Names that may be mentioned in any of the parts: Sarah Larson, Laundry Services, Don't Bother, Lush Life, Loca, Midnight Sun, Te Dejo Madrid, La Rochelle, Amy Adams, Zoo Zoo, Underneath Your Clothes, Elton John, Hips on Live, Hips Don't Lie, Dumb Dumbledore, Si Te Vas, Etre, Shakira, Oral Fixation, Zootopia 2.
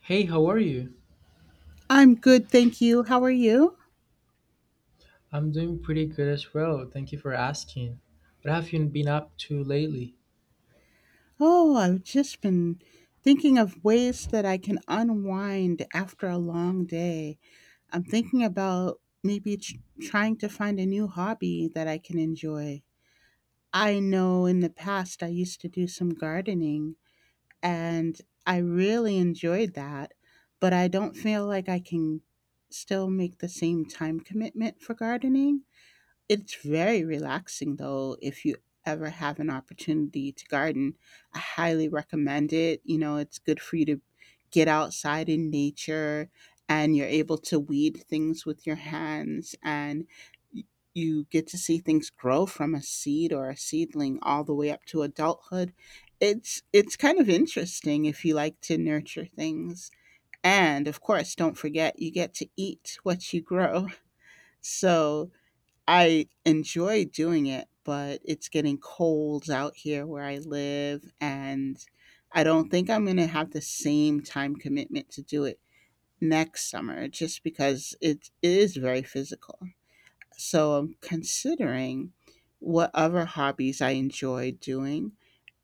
Hey, how are you? I'm good, thank you. How are you? I'm doing pretty good as well. Thank you for asking. What have you been up to lately? Oh, I've just been thinking of ways that I can unwind after a long day. I'm thinking about trying to find a new hobby that I can enjoy. I know in the past I used to do some gardening and I really enjoyed that, but I don't feel like I can still make the same time commitment for gardening. It's very relaxing though if you ever have an opportunity to garden. I highly recommend it. You know, it's good for you to get outside in nature and you're able to weed things with your hands and y- you get to see things grow from a seed or a seedling all the way up to adulthood. It's kind of interesting if you like to nurture things. And of course, don't forget you get to eat what you grow. So, I enjoy doing it, but it's getting cold out here where I live, and I don't think I'm gonna have the same time commitment to do it next summer just because it is very physical. So I'm considering what other hobbies I enjoy doing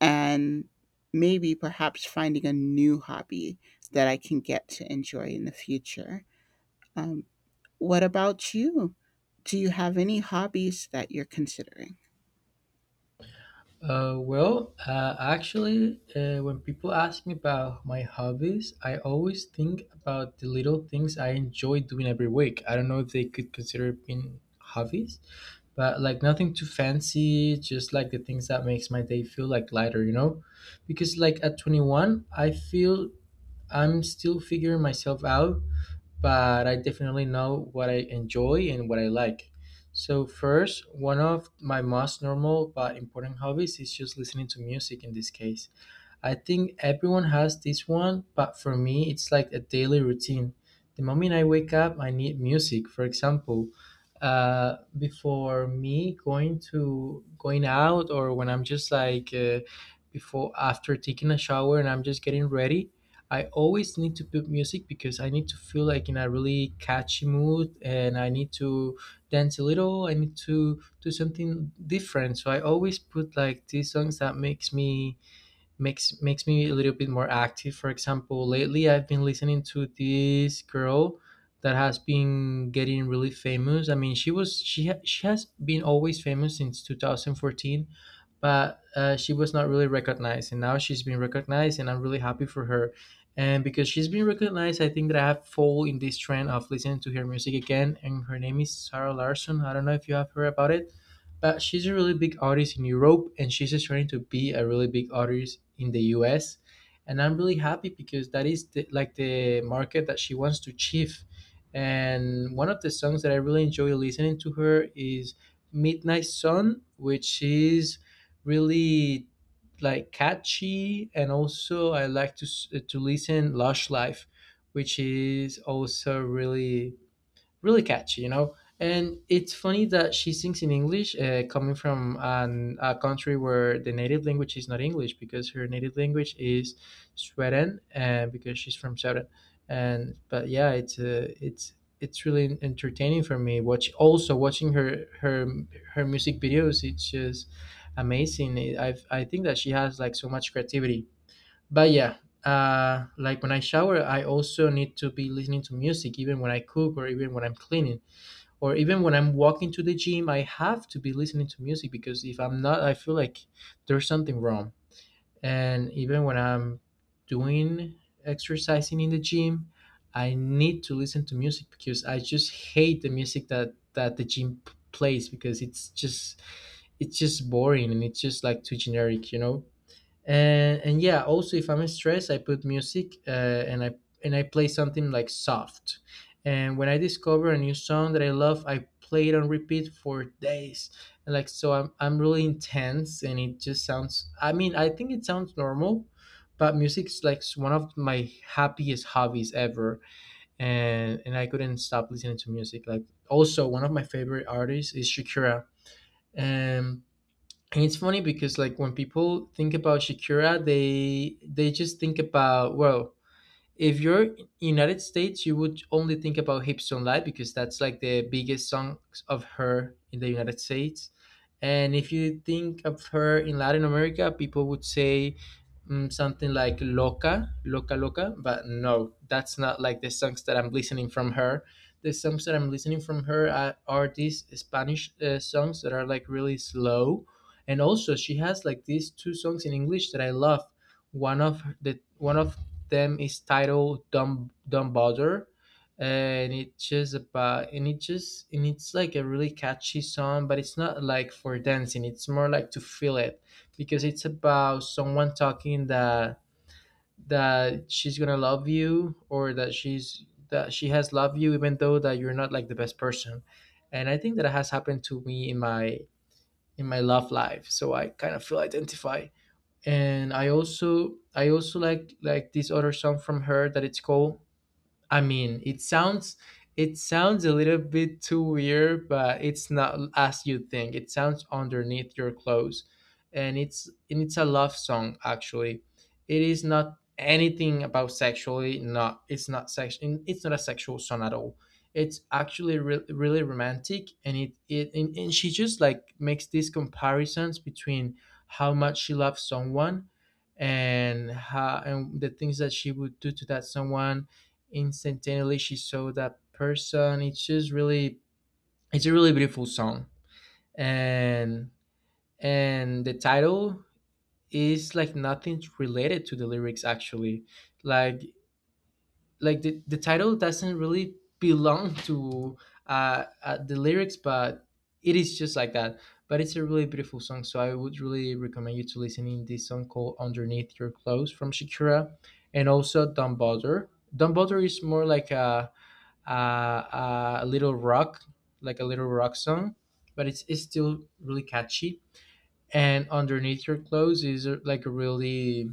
and maybe perhaps finding a new hobby that I can get to enjoy in the future. Um, what about you? Do you have any hobbies that you're considering? When people ask me about my hobbies, I always think about the little things I enjoy doing every week. I don't know if they could consider it being hobbies, but like nothing too fancy, just like the things that makes my day feel like lighter, you know? Because like at 21, I feel I'm still figuring myself out, but I definitely know what I enjoy and what I like. So, first, one of my most normal but important hobbies is just listening to music in this case. I think everyone has this one, but for me, it's like a daily routine. The moment I wake up, I need music. For example, before me going out, or when I'm just like before after taking a shower and I'm just getting ready, I always need to put music because I need to feel like in a really catchy mood, and I need to dance a little. I need to do something different. So I always put like these songs that makes me a little bit more active. For example, lately I've been listening to this girl that has been getting really famous. I mean, she was she ha- she has been always famous since 2014, but she was not really recognized, and now she's been recognized, and I'm really happy for her. And because she's been recognized, I think that I have fall in this trend of listening to her music again. And her name is Sarah Larson. I don't know if you have heard about it, but she's a really big artist in Europe, and she's just trying to be a really big artist in the US. And I'm really happy because that is like the market that she wants to achieve. And one of the songs that I really enjoy listening to her is Midnight Sun, which is really like catchy, and also I like to to listen Lush Life, which is also really really catchy, you know. And it's funny that she sings in English, coming from a country where the native language is not English, because her native language is Sweden, and because she's from Sweden. And but yeah, it's it's really entertaining for me. Watching her her music videos. It's just amazing. I think that she has like so much creativity. But yeah, like when I shower, I also need to be listening to music, even when I cook or even when I'm cleaning or even when I'm walking to the gym. I have to be listening to music because if I'm not, I feel like there's something wrong. And even when I'm doing exercising in the gym, I need to listen to music because I just hate the music that the gym plays because it's just boring and it's just like too generic, you know, and yeah, also if I'm stressed I put music, and I play something like soft, and when I discover a new song that I love I play it on repeat for days. And like so I'm really intense and it just sounds, I mean I think it sounds normal, but music's like one of my happiest hobbies ever, and I couldn't stop listening to music. Like also one of my favorite artists is Shakira, and and it's funny because like when people think about Shakira, they just think about, well, if you're in United States, you would only think about "Hips Don't Lie" because that's like the biggest song of her in the United States. And if you think of her in Latin America, people would say something like "Loca," "Loca Loca," but no, that's not like the songs that I'm listening from her. The songs that I'm listening from her are these Spanish songs that are like really slow, and also she has like these two songs in English that I love. One of them is titled Dumb Dumbledore, and it's just about and it just and it's like a really catchy song, but it's not like for dancing. It's more like to feel it because it's about someone talking that she's gonna love you, or that she has loved you even though that you're not like the best person. And I think that has happened to me in my love life, so I kind of feel identified. And I also like this other song from her that it's called, I mean, it sounds a little bit too weird, but it's not as you think. It sounds underneath your clothes, and it's a love song actually. It is not anything about sexually. Not it's not sex. It's not a sexual song at all. It's actually really romantic, and and she just like makes these comparisons between how much she loves someone, and how and the things that she would do to that someone. Instantaneously, she saw that person. It's just really, it's a really beautiful song, and and the title is like nothing related to the lyrics actually. Like like the title doesn't really belong to the lyrics, but it is just like that. But it's a really beautiful song, so I would really recommend you to listening this song called "Underneath Your Clothes" from Shakira, and also "Don't Bother." "Don't Bother" is more like a little rock, like a little rock song, but it's still really catchy. And underneath your clothes is like a really,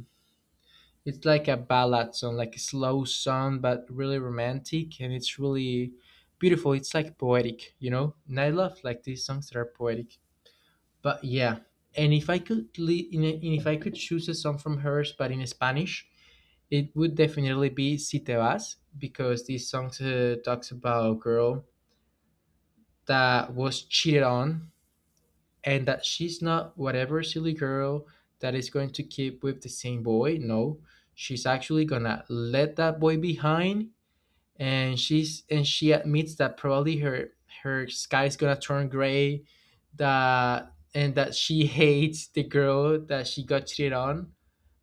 it's like a ballad song, like a slow song, but really romantic. And it's really beautiful. It's like poetic, you know? And I love like these songs that are poetic. But yeah. And if I could, li- in a, and if I could choose a song from hers, but in Spanish, it would definitely be Si Te Vas because this song talks about a girl that was cheated on, and that she's not whatever silly girl that is going to keep with the same boy. No, she's actually gonna let that boy behind, and she's and she admits that probably her sky is gonna turn gray, that she hates the girl that she got cheated on.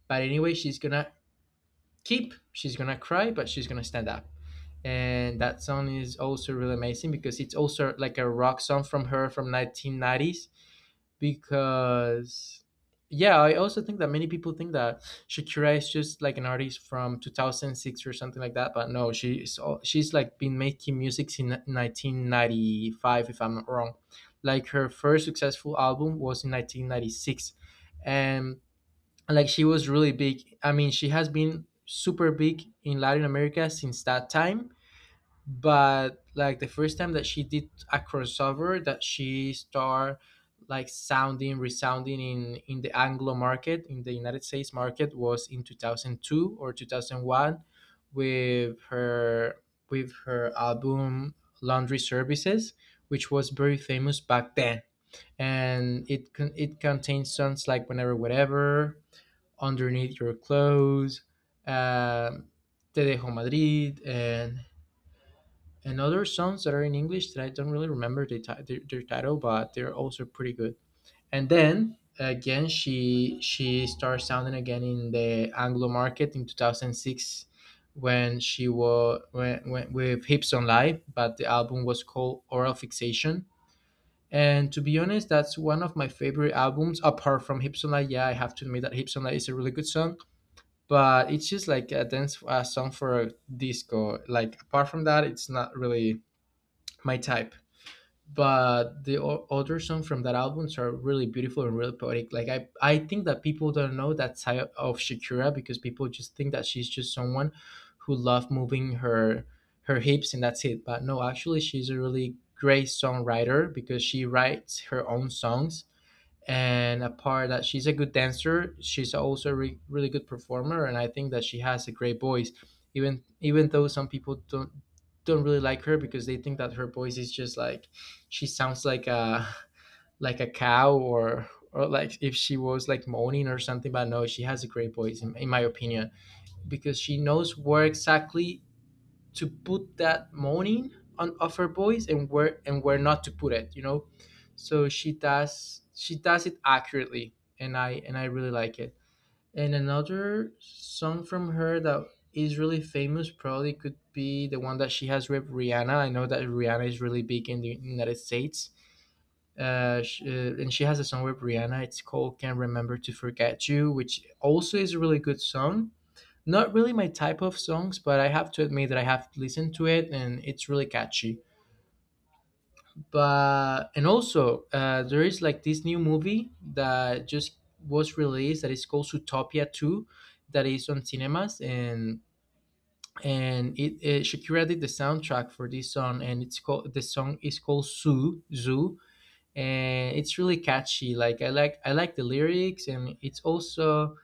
But anyway, she's gonna cry, but she's gonna stand up, and that song is also really amazing because it's also like a rock song from her from 1990s. Because yeah, I also think that many people think that Shakira is just like an artist from 2006 or something like that, but no, she's like been making music since 1995 if I'm not wrong. Like her first successful album was in 1996, and like she was really big. I mean, she has been super big in Latin America since that time, but like the first time that she did a crossover, that she started like sounding resounding in the Anglo market in the United States market, was in 2002 or 2001 with her with her album Laundry Services, which was very famous back then. And it contains songs like Whenever Whatever, Underneath Your Clothes, um, Te Dejo Madrid, and other songs that are in English that I don't really remember their title, but they're also pretty good. And then again, she started sounding again in the Anglo market in 2006, when she was when with Hips on Live, but the album was called Oral Fixation. And to be honest, that's one of my favorite albums apart from Hips on Live. Yeah, I have to admit that Hips on Live is a really good song, but it's just like a dance a song for a disco. Like apart from that, it's not really my type. But the other songs from that albums are really beautiful and really poetic. Like I think that people don't know that side of Shakira because people just think that she's just someone who loves moving her hips and that's it. But no, actually, she's a really great songwriter because she writes her own songs, and apart that she's a good dancer, she's also a really good performer, and I think that she has a great voice, even though some people don't really like her because they think that her voice is just like she sounds like a cow, or like if she was like moaning or something. But no, she has a great voice, in my opinion, because she knows where exactly to put that morning on of her voice, and where not to put it. She does it accurately, and I really like it. And another song from her that is really famous probably could be the one that she has with Rihanna. I know that Rihanna is really big in the United States, sh and she has a song with Rihanna. It's called Can't Remember to Forget You, which also is a really good song. Not really my type of songs, but I have to admit that I have listened to it and it's really catchy. But and also there is like this new movie that just was released that is called Zootopia 2, that is on cinemas. And it, Shakira did the soundtrack for this song, and it's called the song is called Zoo Zoo, and it's really catchy. Like I like the lyrics, and it's also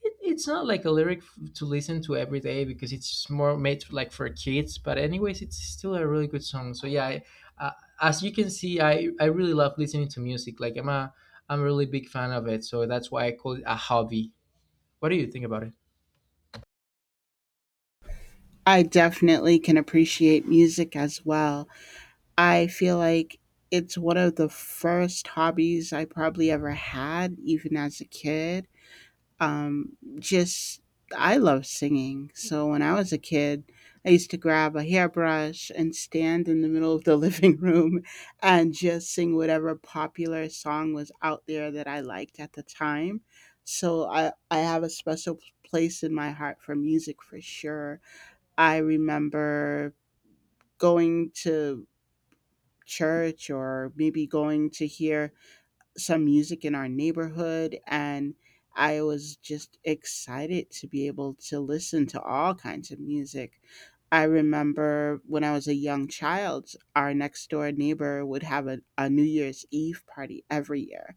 it's not like a lyric to listen to every day because it's more made like for kids, but anyways, it's still a really good song. So yeah, uh, as you can see, I really love listening to music. Like I'm a really big fan of it, so that's why I call it a hobby. What do you think about it? I definitely can appreciate music as well. I feel like it's one of the first hobbies I probably ever had, even as a kid. Just I love singing. So when I was a kid, I used to grab a hairbrush and stand in the middle of the living room and just sing whatever popular song was out there that I liked at the time. So I have a special place in my heart for music for sure. I remember going to church or maybe going to hear some music in our neighborhood, and I was just excited to be able to listen to all kinds of music. I remember when I was a young child, our next door neighbor would have a New Year's Eve party every year,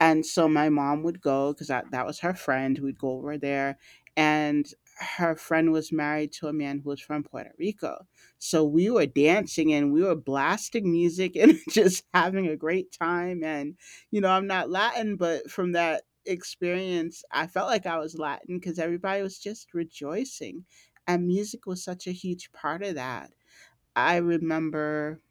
and so my mom would go because that was her friend. We'd go over there. And her friend was married to a man who was from Puerto Rico. So we were dancing and we were blasting music and just having a great time. And, you know, I'm not Latin, but from that experience, I felt like I was Latin because everybody was just rejoicing. And music was such a huge part of that. I remember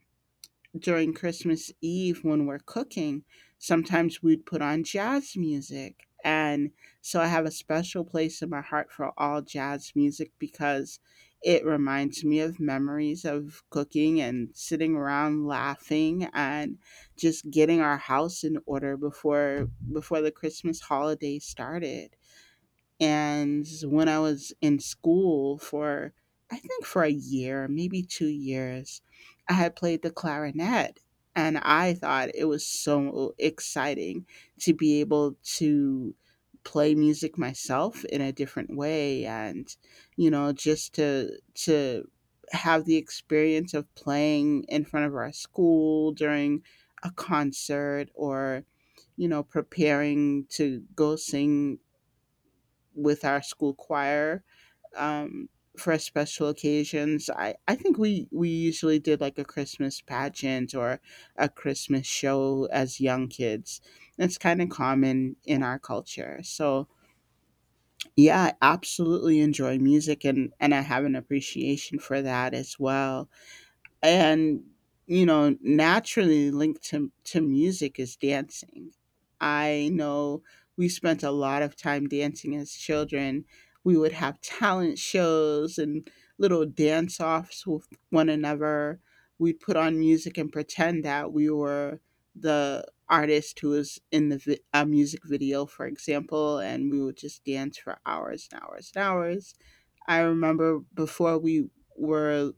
during Christmas Eve when we're cooking, sometimes we'd put on jazz music. And so I have a special place in my heart for all jazz music because it reminds me of memories of cooking and sitting around laughing and just getting our house in order before the Christmas holiday started. And when I was in school for, I think for a year, maybe 2 years, I had played the clarinet. And I thought it was so exciting to be able to play music myself in a different way, and you know, just to have the experience of playing in front of our school during a concert, or you know, preparing to go sing with our school choir, um, for special occasions. I think we usually did like a Christmas pageant or a Christmas show as young kids. That's kind of common in our culture. So, yeah, I absolutely enjoy music, and I have an appreciation for that as well. And you know, naturally linked to music is dancing. I know we spent a lot of time dancing as children. We would have talent shows and little dance offs with one another. We'd put on music and pretend that we were the artist who was in the vi- a music video, for example, and we would just dance for hours and hours and hours. I remember before we were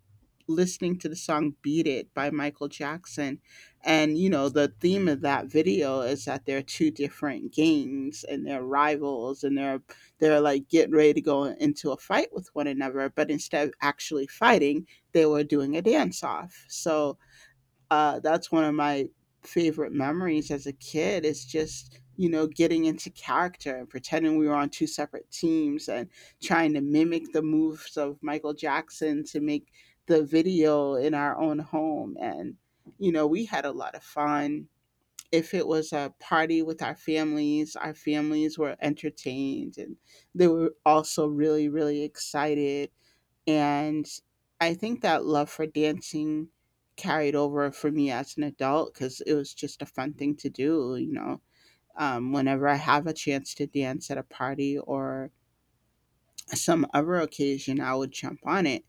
listening to the song Beat It by Michael Jackson. And, you know, the theme of that video is that they're two different gangs and they're rivals, and they're like getting ready to go into a fight with one another. But instead of actually fighting, they were doing a dance off. So, that's one of my favorite memories as a kid is just, you know, getting into character and pretending we were on two separate teams and trying to mimic the moves of Michael Jackson to make the video in our own home. And you know, we had a lot of fun. If it was a party with our families were entertained, and they were also really, really excited. And I think that love for dancing carried over for me as an adult because it was just a fun thing to do, you know. Whenever I have a chance to dance at a party or some other occasion, I would jump on it.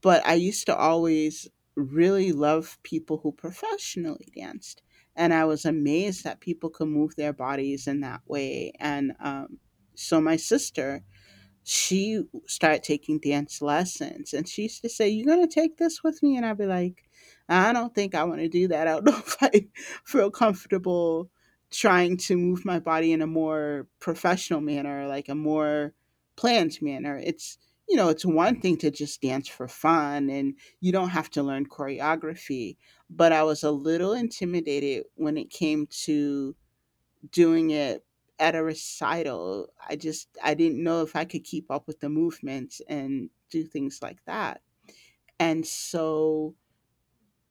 But I used to always really love people who professionally danced. And I was amazed that people could move their bodies in that way. And So my sister, she started taking dance lessons, and she used to say you're going to take this with me, and I'd be like, I don't think I want to do that. I don't know if I feel comfortable trying to move my body in a more professional manner, like a more planned manner. It's, you know, it's one thing to just dance for fun and you don't have to learn choreography, but I was a little intimidated when it came to doing it at a recital. I didn't know if I could keep up with the movement and do things like that. And so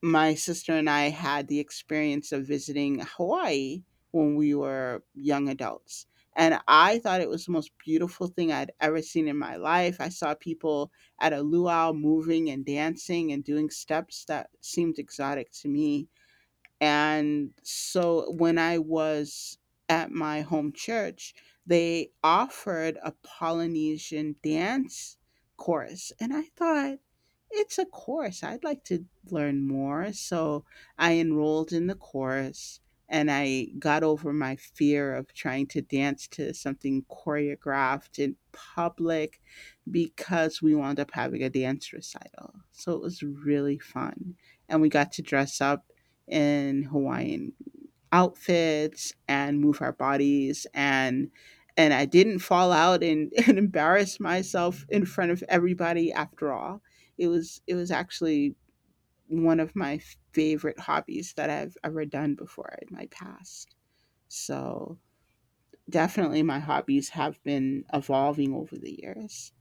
my sister and I had the experience of visiting Hawaii when we were young adults. And I thought it was the most beautiful thing I'd ever seen in my life. I saw people at a luau moving and dancing and doing steps that seemed exotic to me. And so when I was at my home church, they offered a Polynesian dance course. And I thought, it's a course. I'd like to learn more. So I enrolled in the course, and I got over my fear of trying to dance to something choreographed in public because we wound up having a dance recital. So it was really fun. And we got to dress up in Hawaiian outfits and move our bodies, and I didn't fall out, and, and embarrass myself in front of everybody after all. It was actually one of my favorite hobbies that I've ever done before in my past. So definitely my hobbies have been evolving over the years.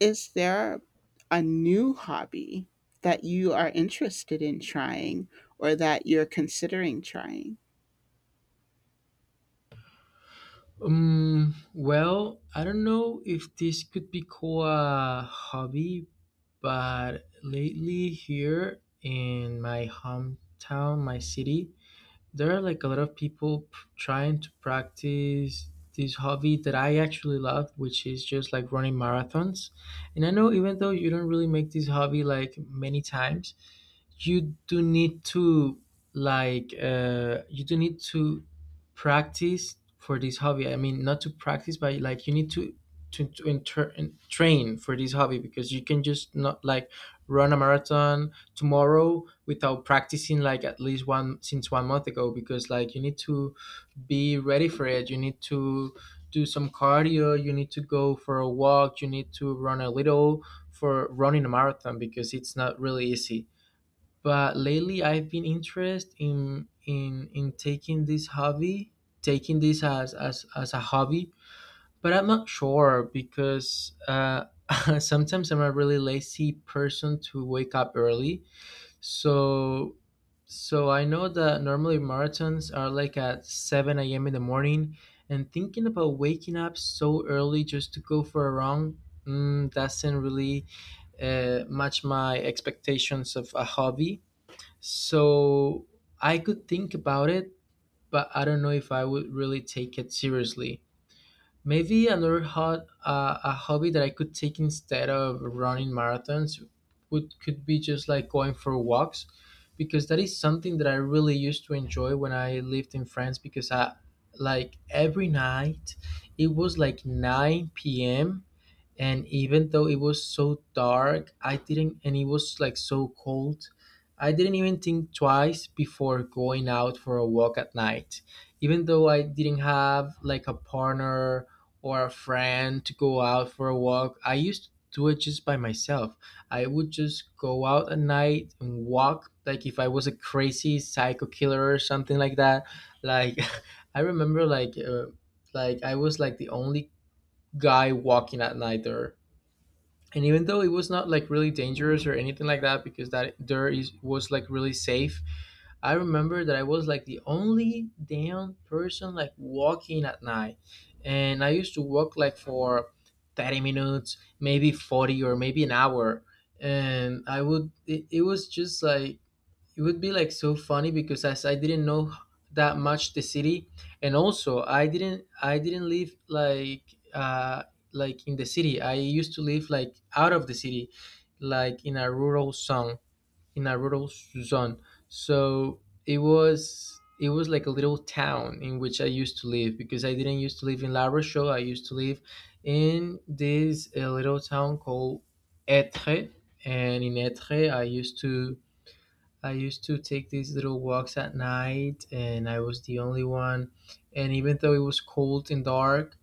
Is there a new hobby that you are interested in trying or that you're considering trying? Um, well, I don't know if this could be called a hobby, but lately here in my hometown, my city, there are like a lot of people trying to practice this hobby that I actually love, which is just like running marathons. And I know, even though you don't really make this hobby like many times, you do need to like you do need to practice for this hobby. I mean, not to practice, but like you need to train for this hobby, because you can just not like run a marathon tomorrow without practicing like at least one since 1 month ago, because like you need to be ready for it. You need to do some cardio, you need to go for a walk, you need to run a little for running a marathon, because it's not really easy. But lately I've been interested in in taking this hobby, taking this as a hobby. But I'm not sure because sometimes I'm a really lazy person to wake up early. So so I know that normally marathons are like at seven a.m. in the morning, and thinking about waking up so early just to go for a run. Doesn't really match my expectations of a hobby. So I could think about it, but I don't know if I would really take it seriously. Maybe another hot a hobby that I could take instead of running marathons would could be just like going for walks, because that is something that I really used to enjoy when I lived in France. Because I like every night, it was like 9 p.m., and even though it was so dark I didn't and it was like so cold, I didn't even think twice before going out for a walk at night. Even though I didn't have like a partner or a friend to go out for a walk, I used to do it just by myself. I would just go out at night and walk like if I was a crazy psycho killer or something like that. Like I remember like I was like the only guy walking at night there. And even though it was not like really dangerous or anything like that, because that there is was like really safe, I remember that I was like the only damn person like walking at night. And I used to walk like for 30 minutes, maybe 40, or maybe an hour. And it was just like it would be like so funny, because as I didn't know that much the city, and also I didn't live uh like in the city. I used to live like out of the city, like in a rural zone, in a rural zone. So it was like a little town in which I used to live, because I didn't used to live in La Rochelle. I used to live in this little town called Etre, and in Etre I used to take these little walks at night, and I was the only one. And even though it was cold and dark,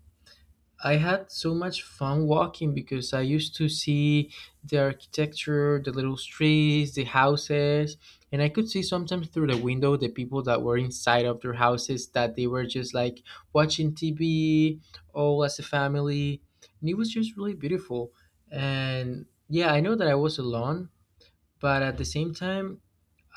I had so much fun walking because I used to see the architecture, the little streets, the houses, and I could see sometimes through the window the people that were inside of their houses, that they were just like watching TV all as a family. And it was just really beautiful. And yeah, I know that I was alone, but at the same time,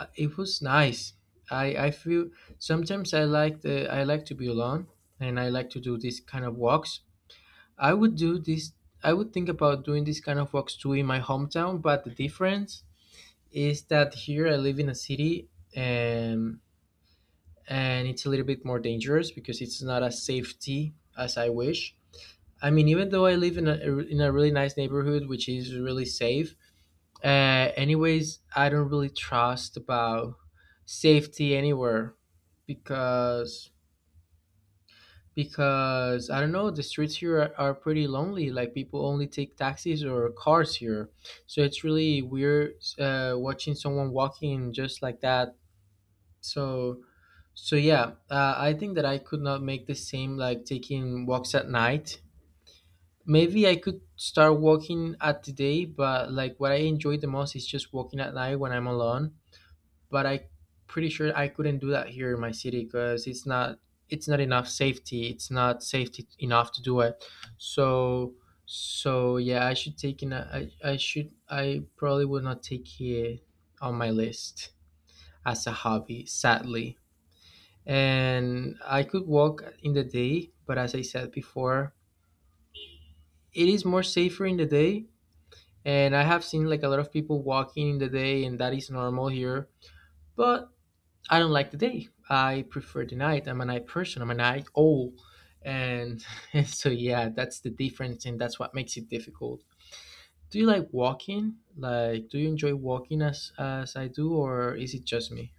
it was nice. I feel sometimes I like the I like to be alone, and I like to do these kind of walks. I would do this I would think about doing these kind of walks too in my hometown, but the difference is that here I live in a city, and and it's a little bit more dangerous because it's not as safety as I wish. I mean, even though I live in a really nice neighborhood, which is really safe, anyways, I don't really trust about safety anywhere, because because I don't know, the streets here are pretty lonely. Like people only take taxis or cars here, so it's really weird watching someone walking just like that. So so yeah, I think that I could not make the same like taking walks at night. Maybe I could start walking at the day, but like what I enjoy the most is just walking at night when I'm alone. But I pretty sure I couldn't do that here in my city because it's not enough safety. It's not safety enough to do it. So so yeah, I should take in. A, I should I probably would not take it on my list as a hobby, sadly. And I could walk in the day, but as I said before, it is more safer in the day. And I have seen like a lot of people walking in the day, and that is normal here. But I don't like the day. I prefer the night. I'm a night person. I'm a night owl. And so, yeah, that's the difference, and that's what makes it difficult. Do you like walking? Like, do you enjoy walking as I do, or is it just me?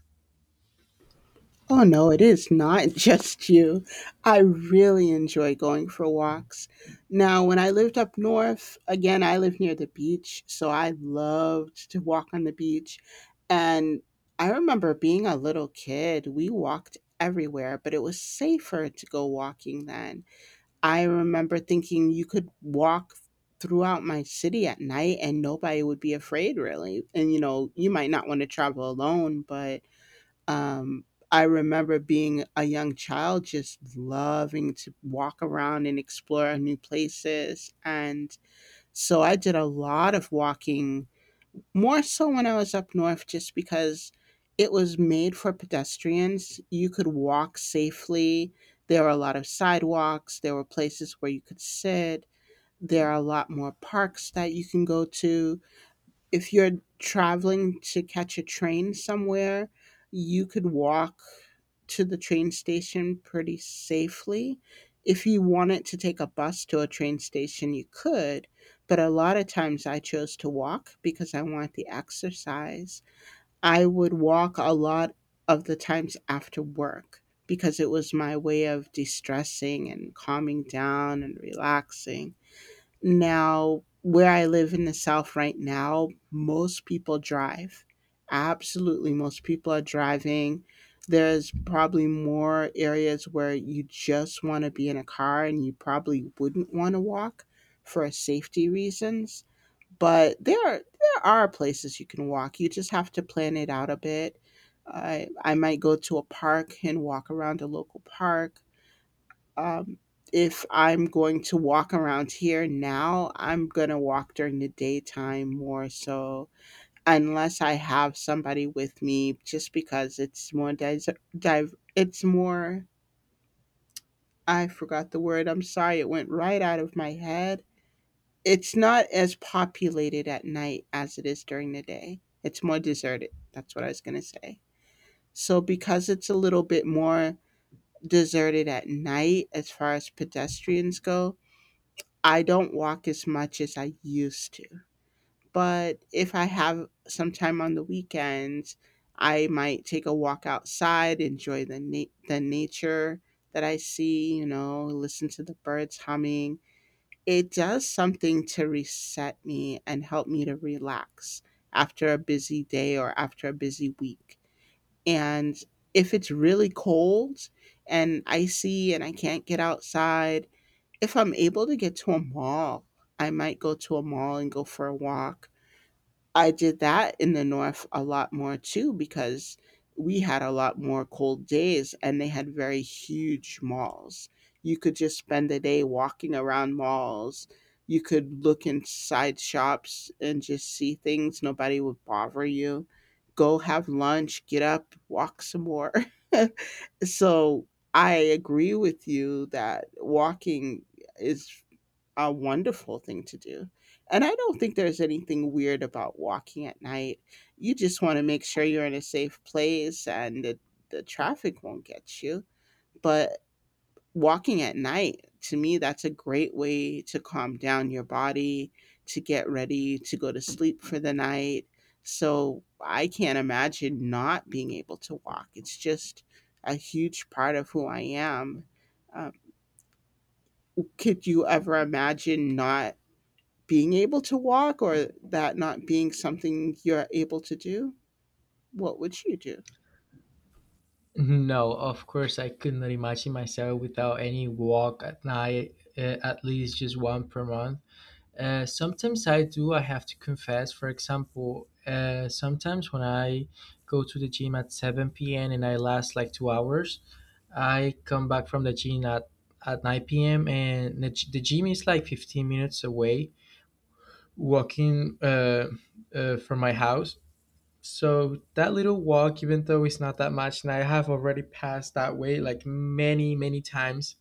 Oh no, it is not just you. I really enjoy going for walks. Now, when I lived up north, again, I live near the beach, so I loved to walk on the beach. And I remember being a little kid, we walked everywhere, but it was safer to go walking then. I remember thinking you could walk throughout my city at night and nobody would be afraid, really. And you know, you might not want to travel alone, but um, I remember being a young child just loving to walk around and explore new places. And so I did a lot of walking, more so when I was up north, just because it was made for pedestrians. You could walk safely. There were a lot of sidewalks, there were places where you could sit, there are a lot more parks that you can go to. If you're traveling to catch a train somewhere, you could walk to the train station pretty safely. If you wanted to take a bus to a train station, you could, but a lot of times I chose to walk because I want the exercise. I would walk a lot of the times after work because it was my way of de stressing and calming down and relaxing. Now, where I live in the South right now, most people drive. Absolutely, most people are driving. There's probably more areas where you just want to be in a car, and you probably wouldn't want to walk for safety reasons. But there are places you can walk. You just have to plan it out a bit. I might go to a park and walk around a local park, um, if I'm going to walk around here now, I'm going to walk during the daytime more so, unless I have somebody with me, just because it's more. I forgot the word. I'm sorry. It went right out of my head. It's not as populated at night as it is during the day. It's more deserted. That's what I was going to say. So, because it's a little bit more deserted at night as far as pedestrians go, I don't walk as much as I used to, but if I have some time on the weekends, I might take a walk outside, enjoy the nature that I see, you know, listen to the birds humming. It does something to reset me and help me to relax after a busy day or after a busy week. And if it's really cold and icy and I can't get outside, if I'm able to get to a mall, I might go to a mall and go for a walk. I did that in the north a lot more too because we had a lot more cold days and they had very huge malls. You could just spend the day walking around malls. You could look inside shops and just see things. Nobody would bother you. Go have lunch, get up, walk some more. So I agree with you that walking is a wonderful thing to do. And I don't think there's anything weird about walking at night. You just want to make sure you're in a safe place and the traffic won't get you. But walking at night, to me, that's a great way to calm down your body, to get ready to go to sleep for the night. So I can't imagine not being able to walk. It's just a huge part of who I am. Um, could you ever imagine not being able to walk, or that not being something you're able to do? What would you do? No, of course, I could not imagine myself without any walk at night, at least just one per month. Sometimes I do, I have to confess. For example, sometimes when I go to the gym at 7 p.m. and I last like 2 hours, I come back from the at 9 p.m. and the gym is like 15 minutes away, walking from my house. So that little walk, even though it's not that much, and I have already passed that way like many, many times,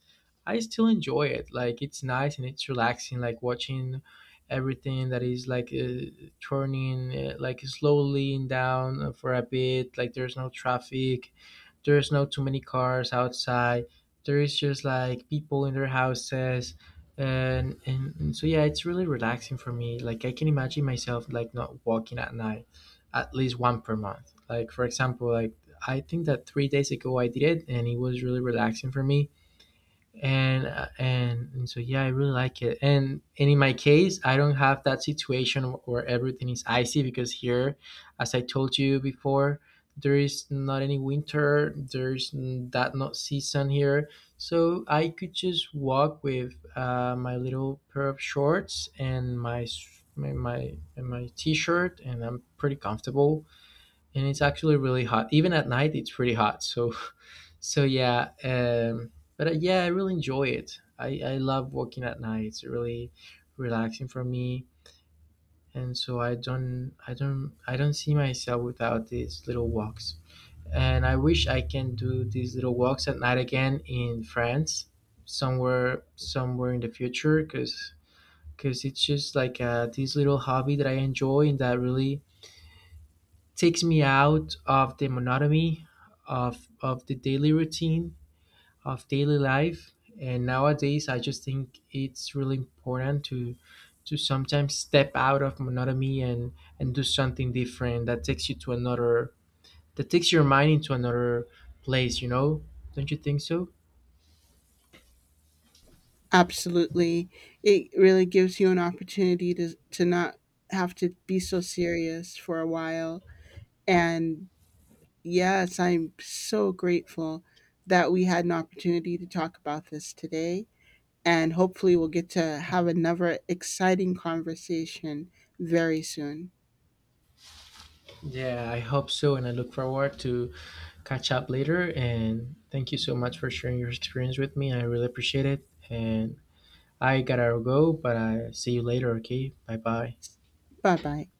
I still enjoy it. Like it's nice and it's relaxing, like watching everything that is like turning like slowly down for a bit. Like there's no traffic, there's not too many cars outside. There is just like people in their houses, and so yeah, it's really relaxing for me. Like I can imagine myself like not walking at night, at least one per month. Like for example, like I think that 3 days ago I did it, and it was really relaxing for me, and and so yeah, I really like it. And in my case I don't have that situation where everything is icy, because here, as I told you before, there is not any winter. There's that not season here, so I could just walk with my little pair of shorts and my and my t-shirt, and I'm pretty comfortable. And it's actually really hot. Even at night, it's pretty hot. So so yeah. But yeah, I really enjoy it. I love walking at night. It's really relaxing for me, and so I don't see myself without these little walks. And I wish I can do these little walks at night again in France, somewhere in the future, because it's just like this little hobby that I enjoy and that really takes me out of the monotony of the daily routine of daily life. And nowadays, I just think it's really important to sometimes step out of monotony and do something different that takes you to another that takes your mind into another place. You know, don't you think so? Absolutely. It really gives you an opportunity to not have to be so serious for a while. And yes, I'm so grateful that we had an opportunity to talk about this today. And hopefully, we'll get to have another exciting conversation very soon. Yeah, I hope so, and I look forward to catch up later. And thank you so much for sharing your experience with me. I really appreciate it. And I gotta go, but I see you later, okay? Bye bye. Bye bye.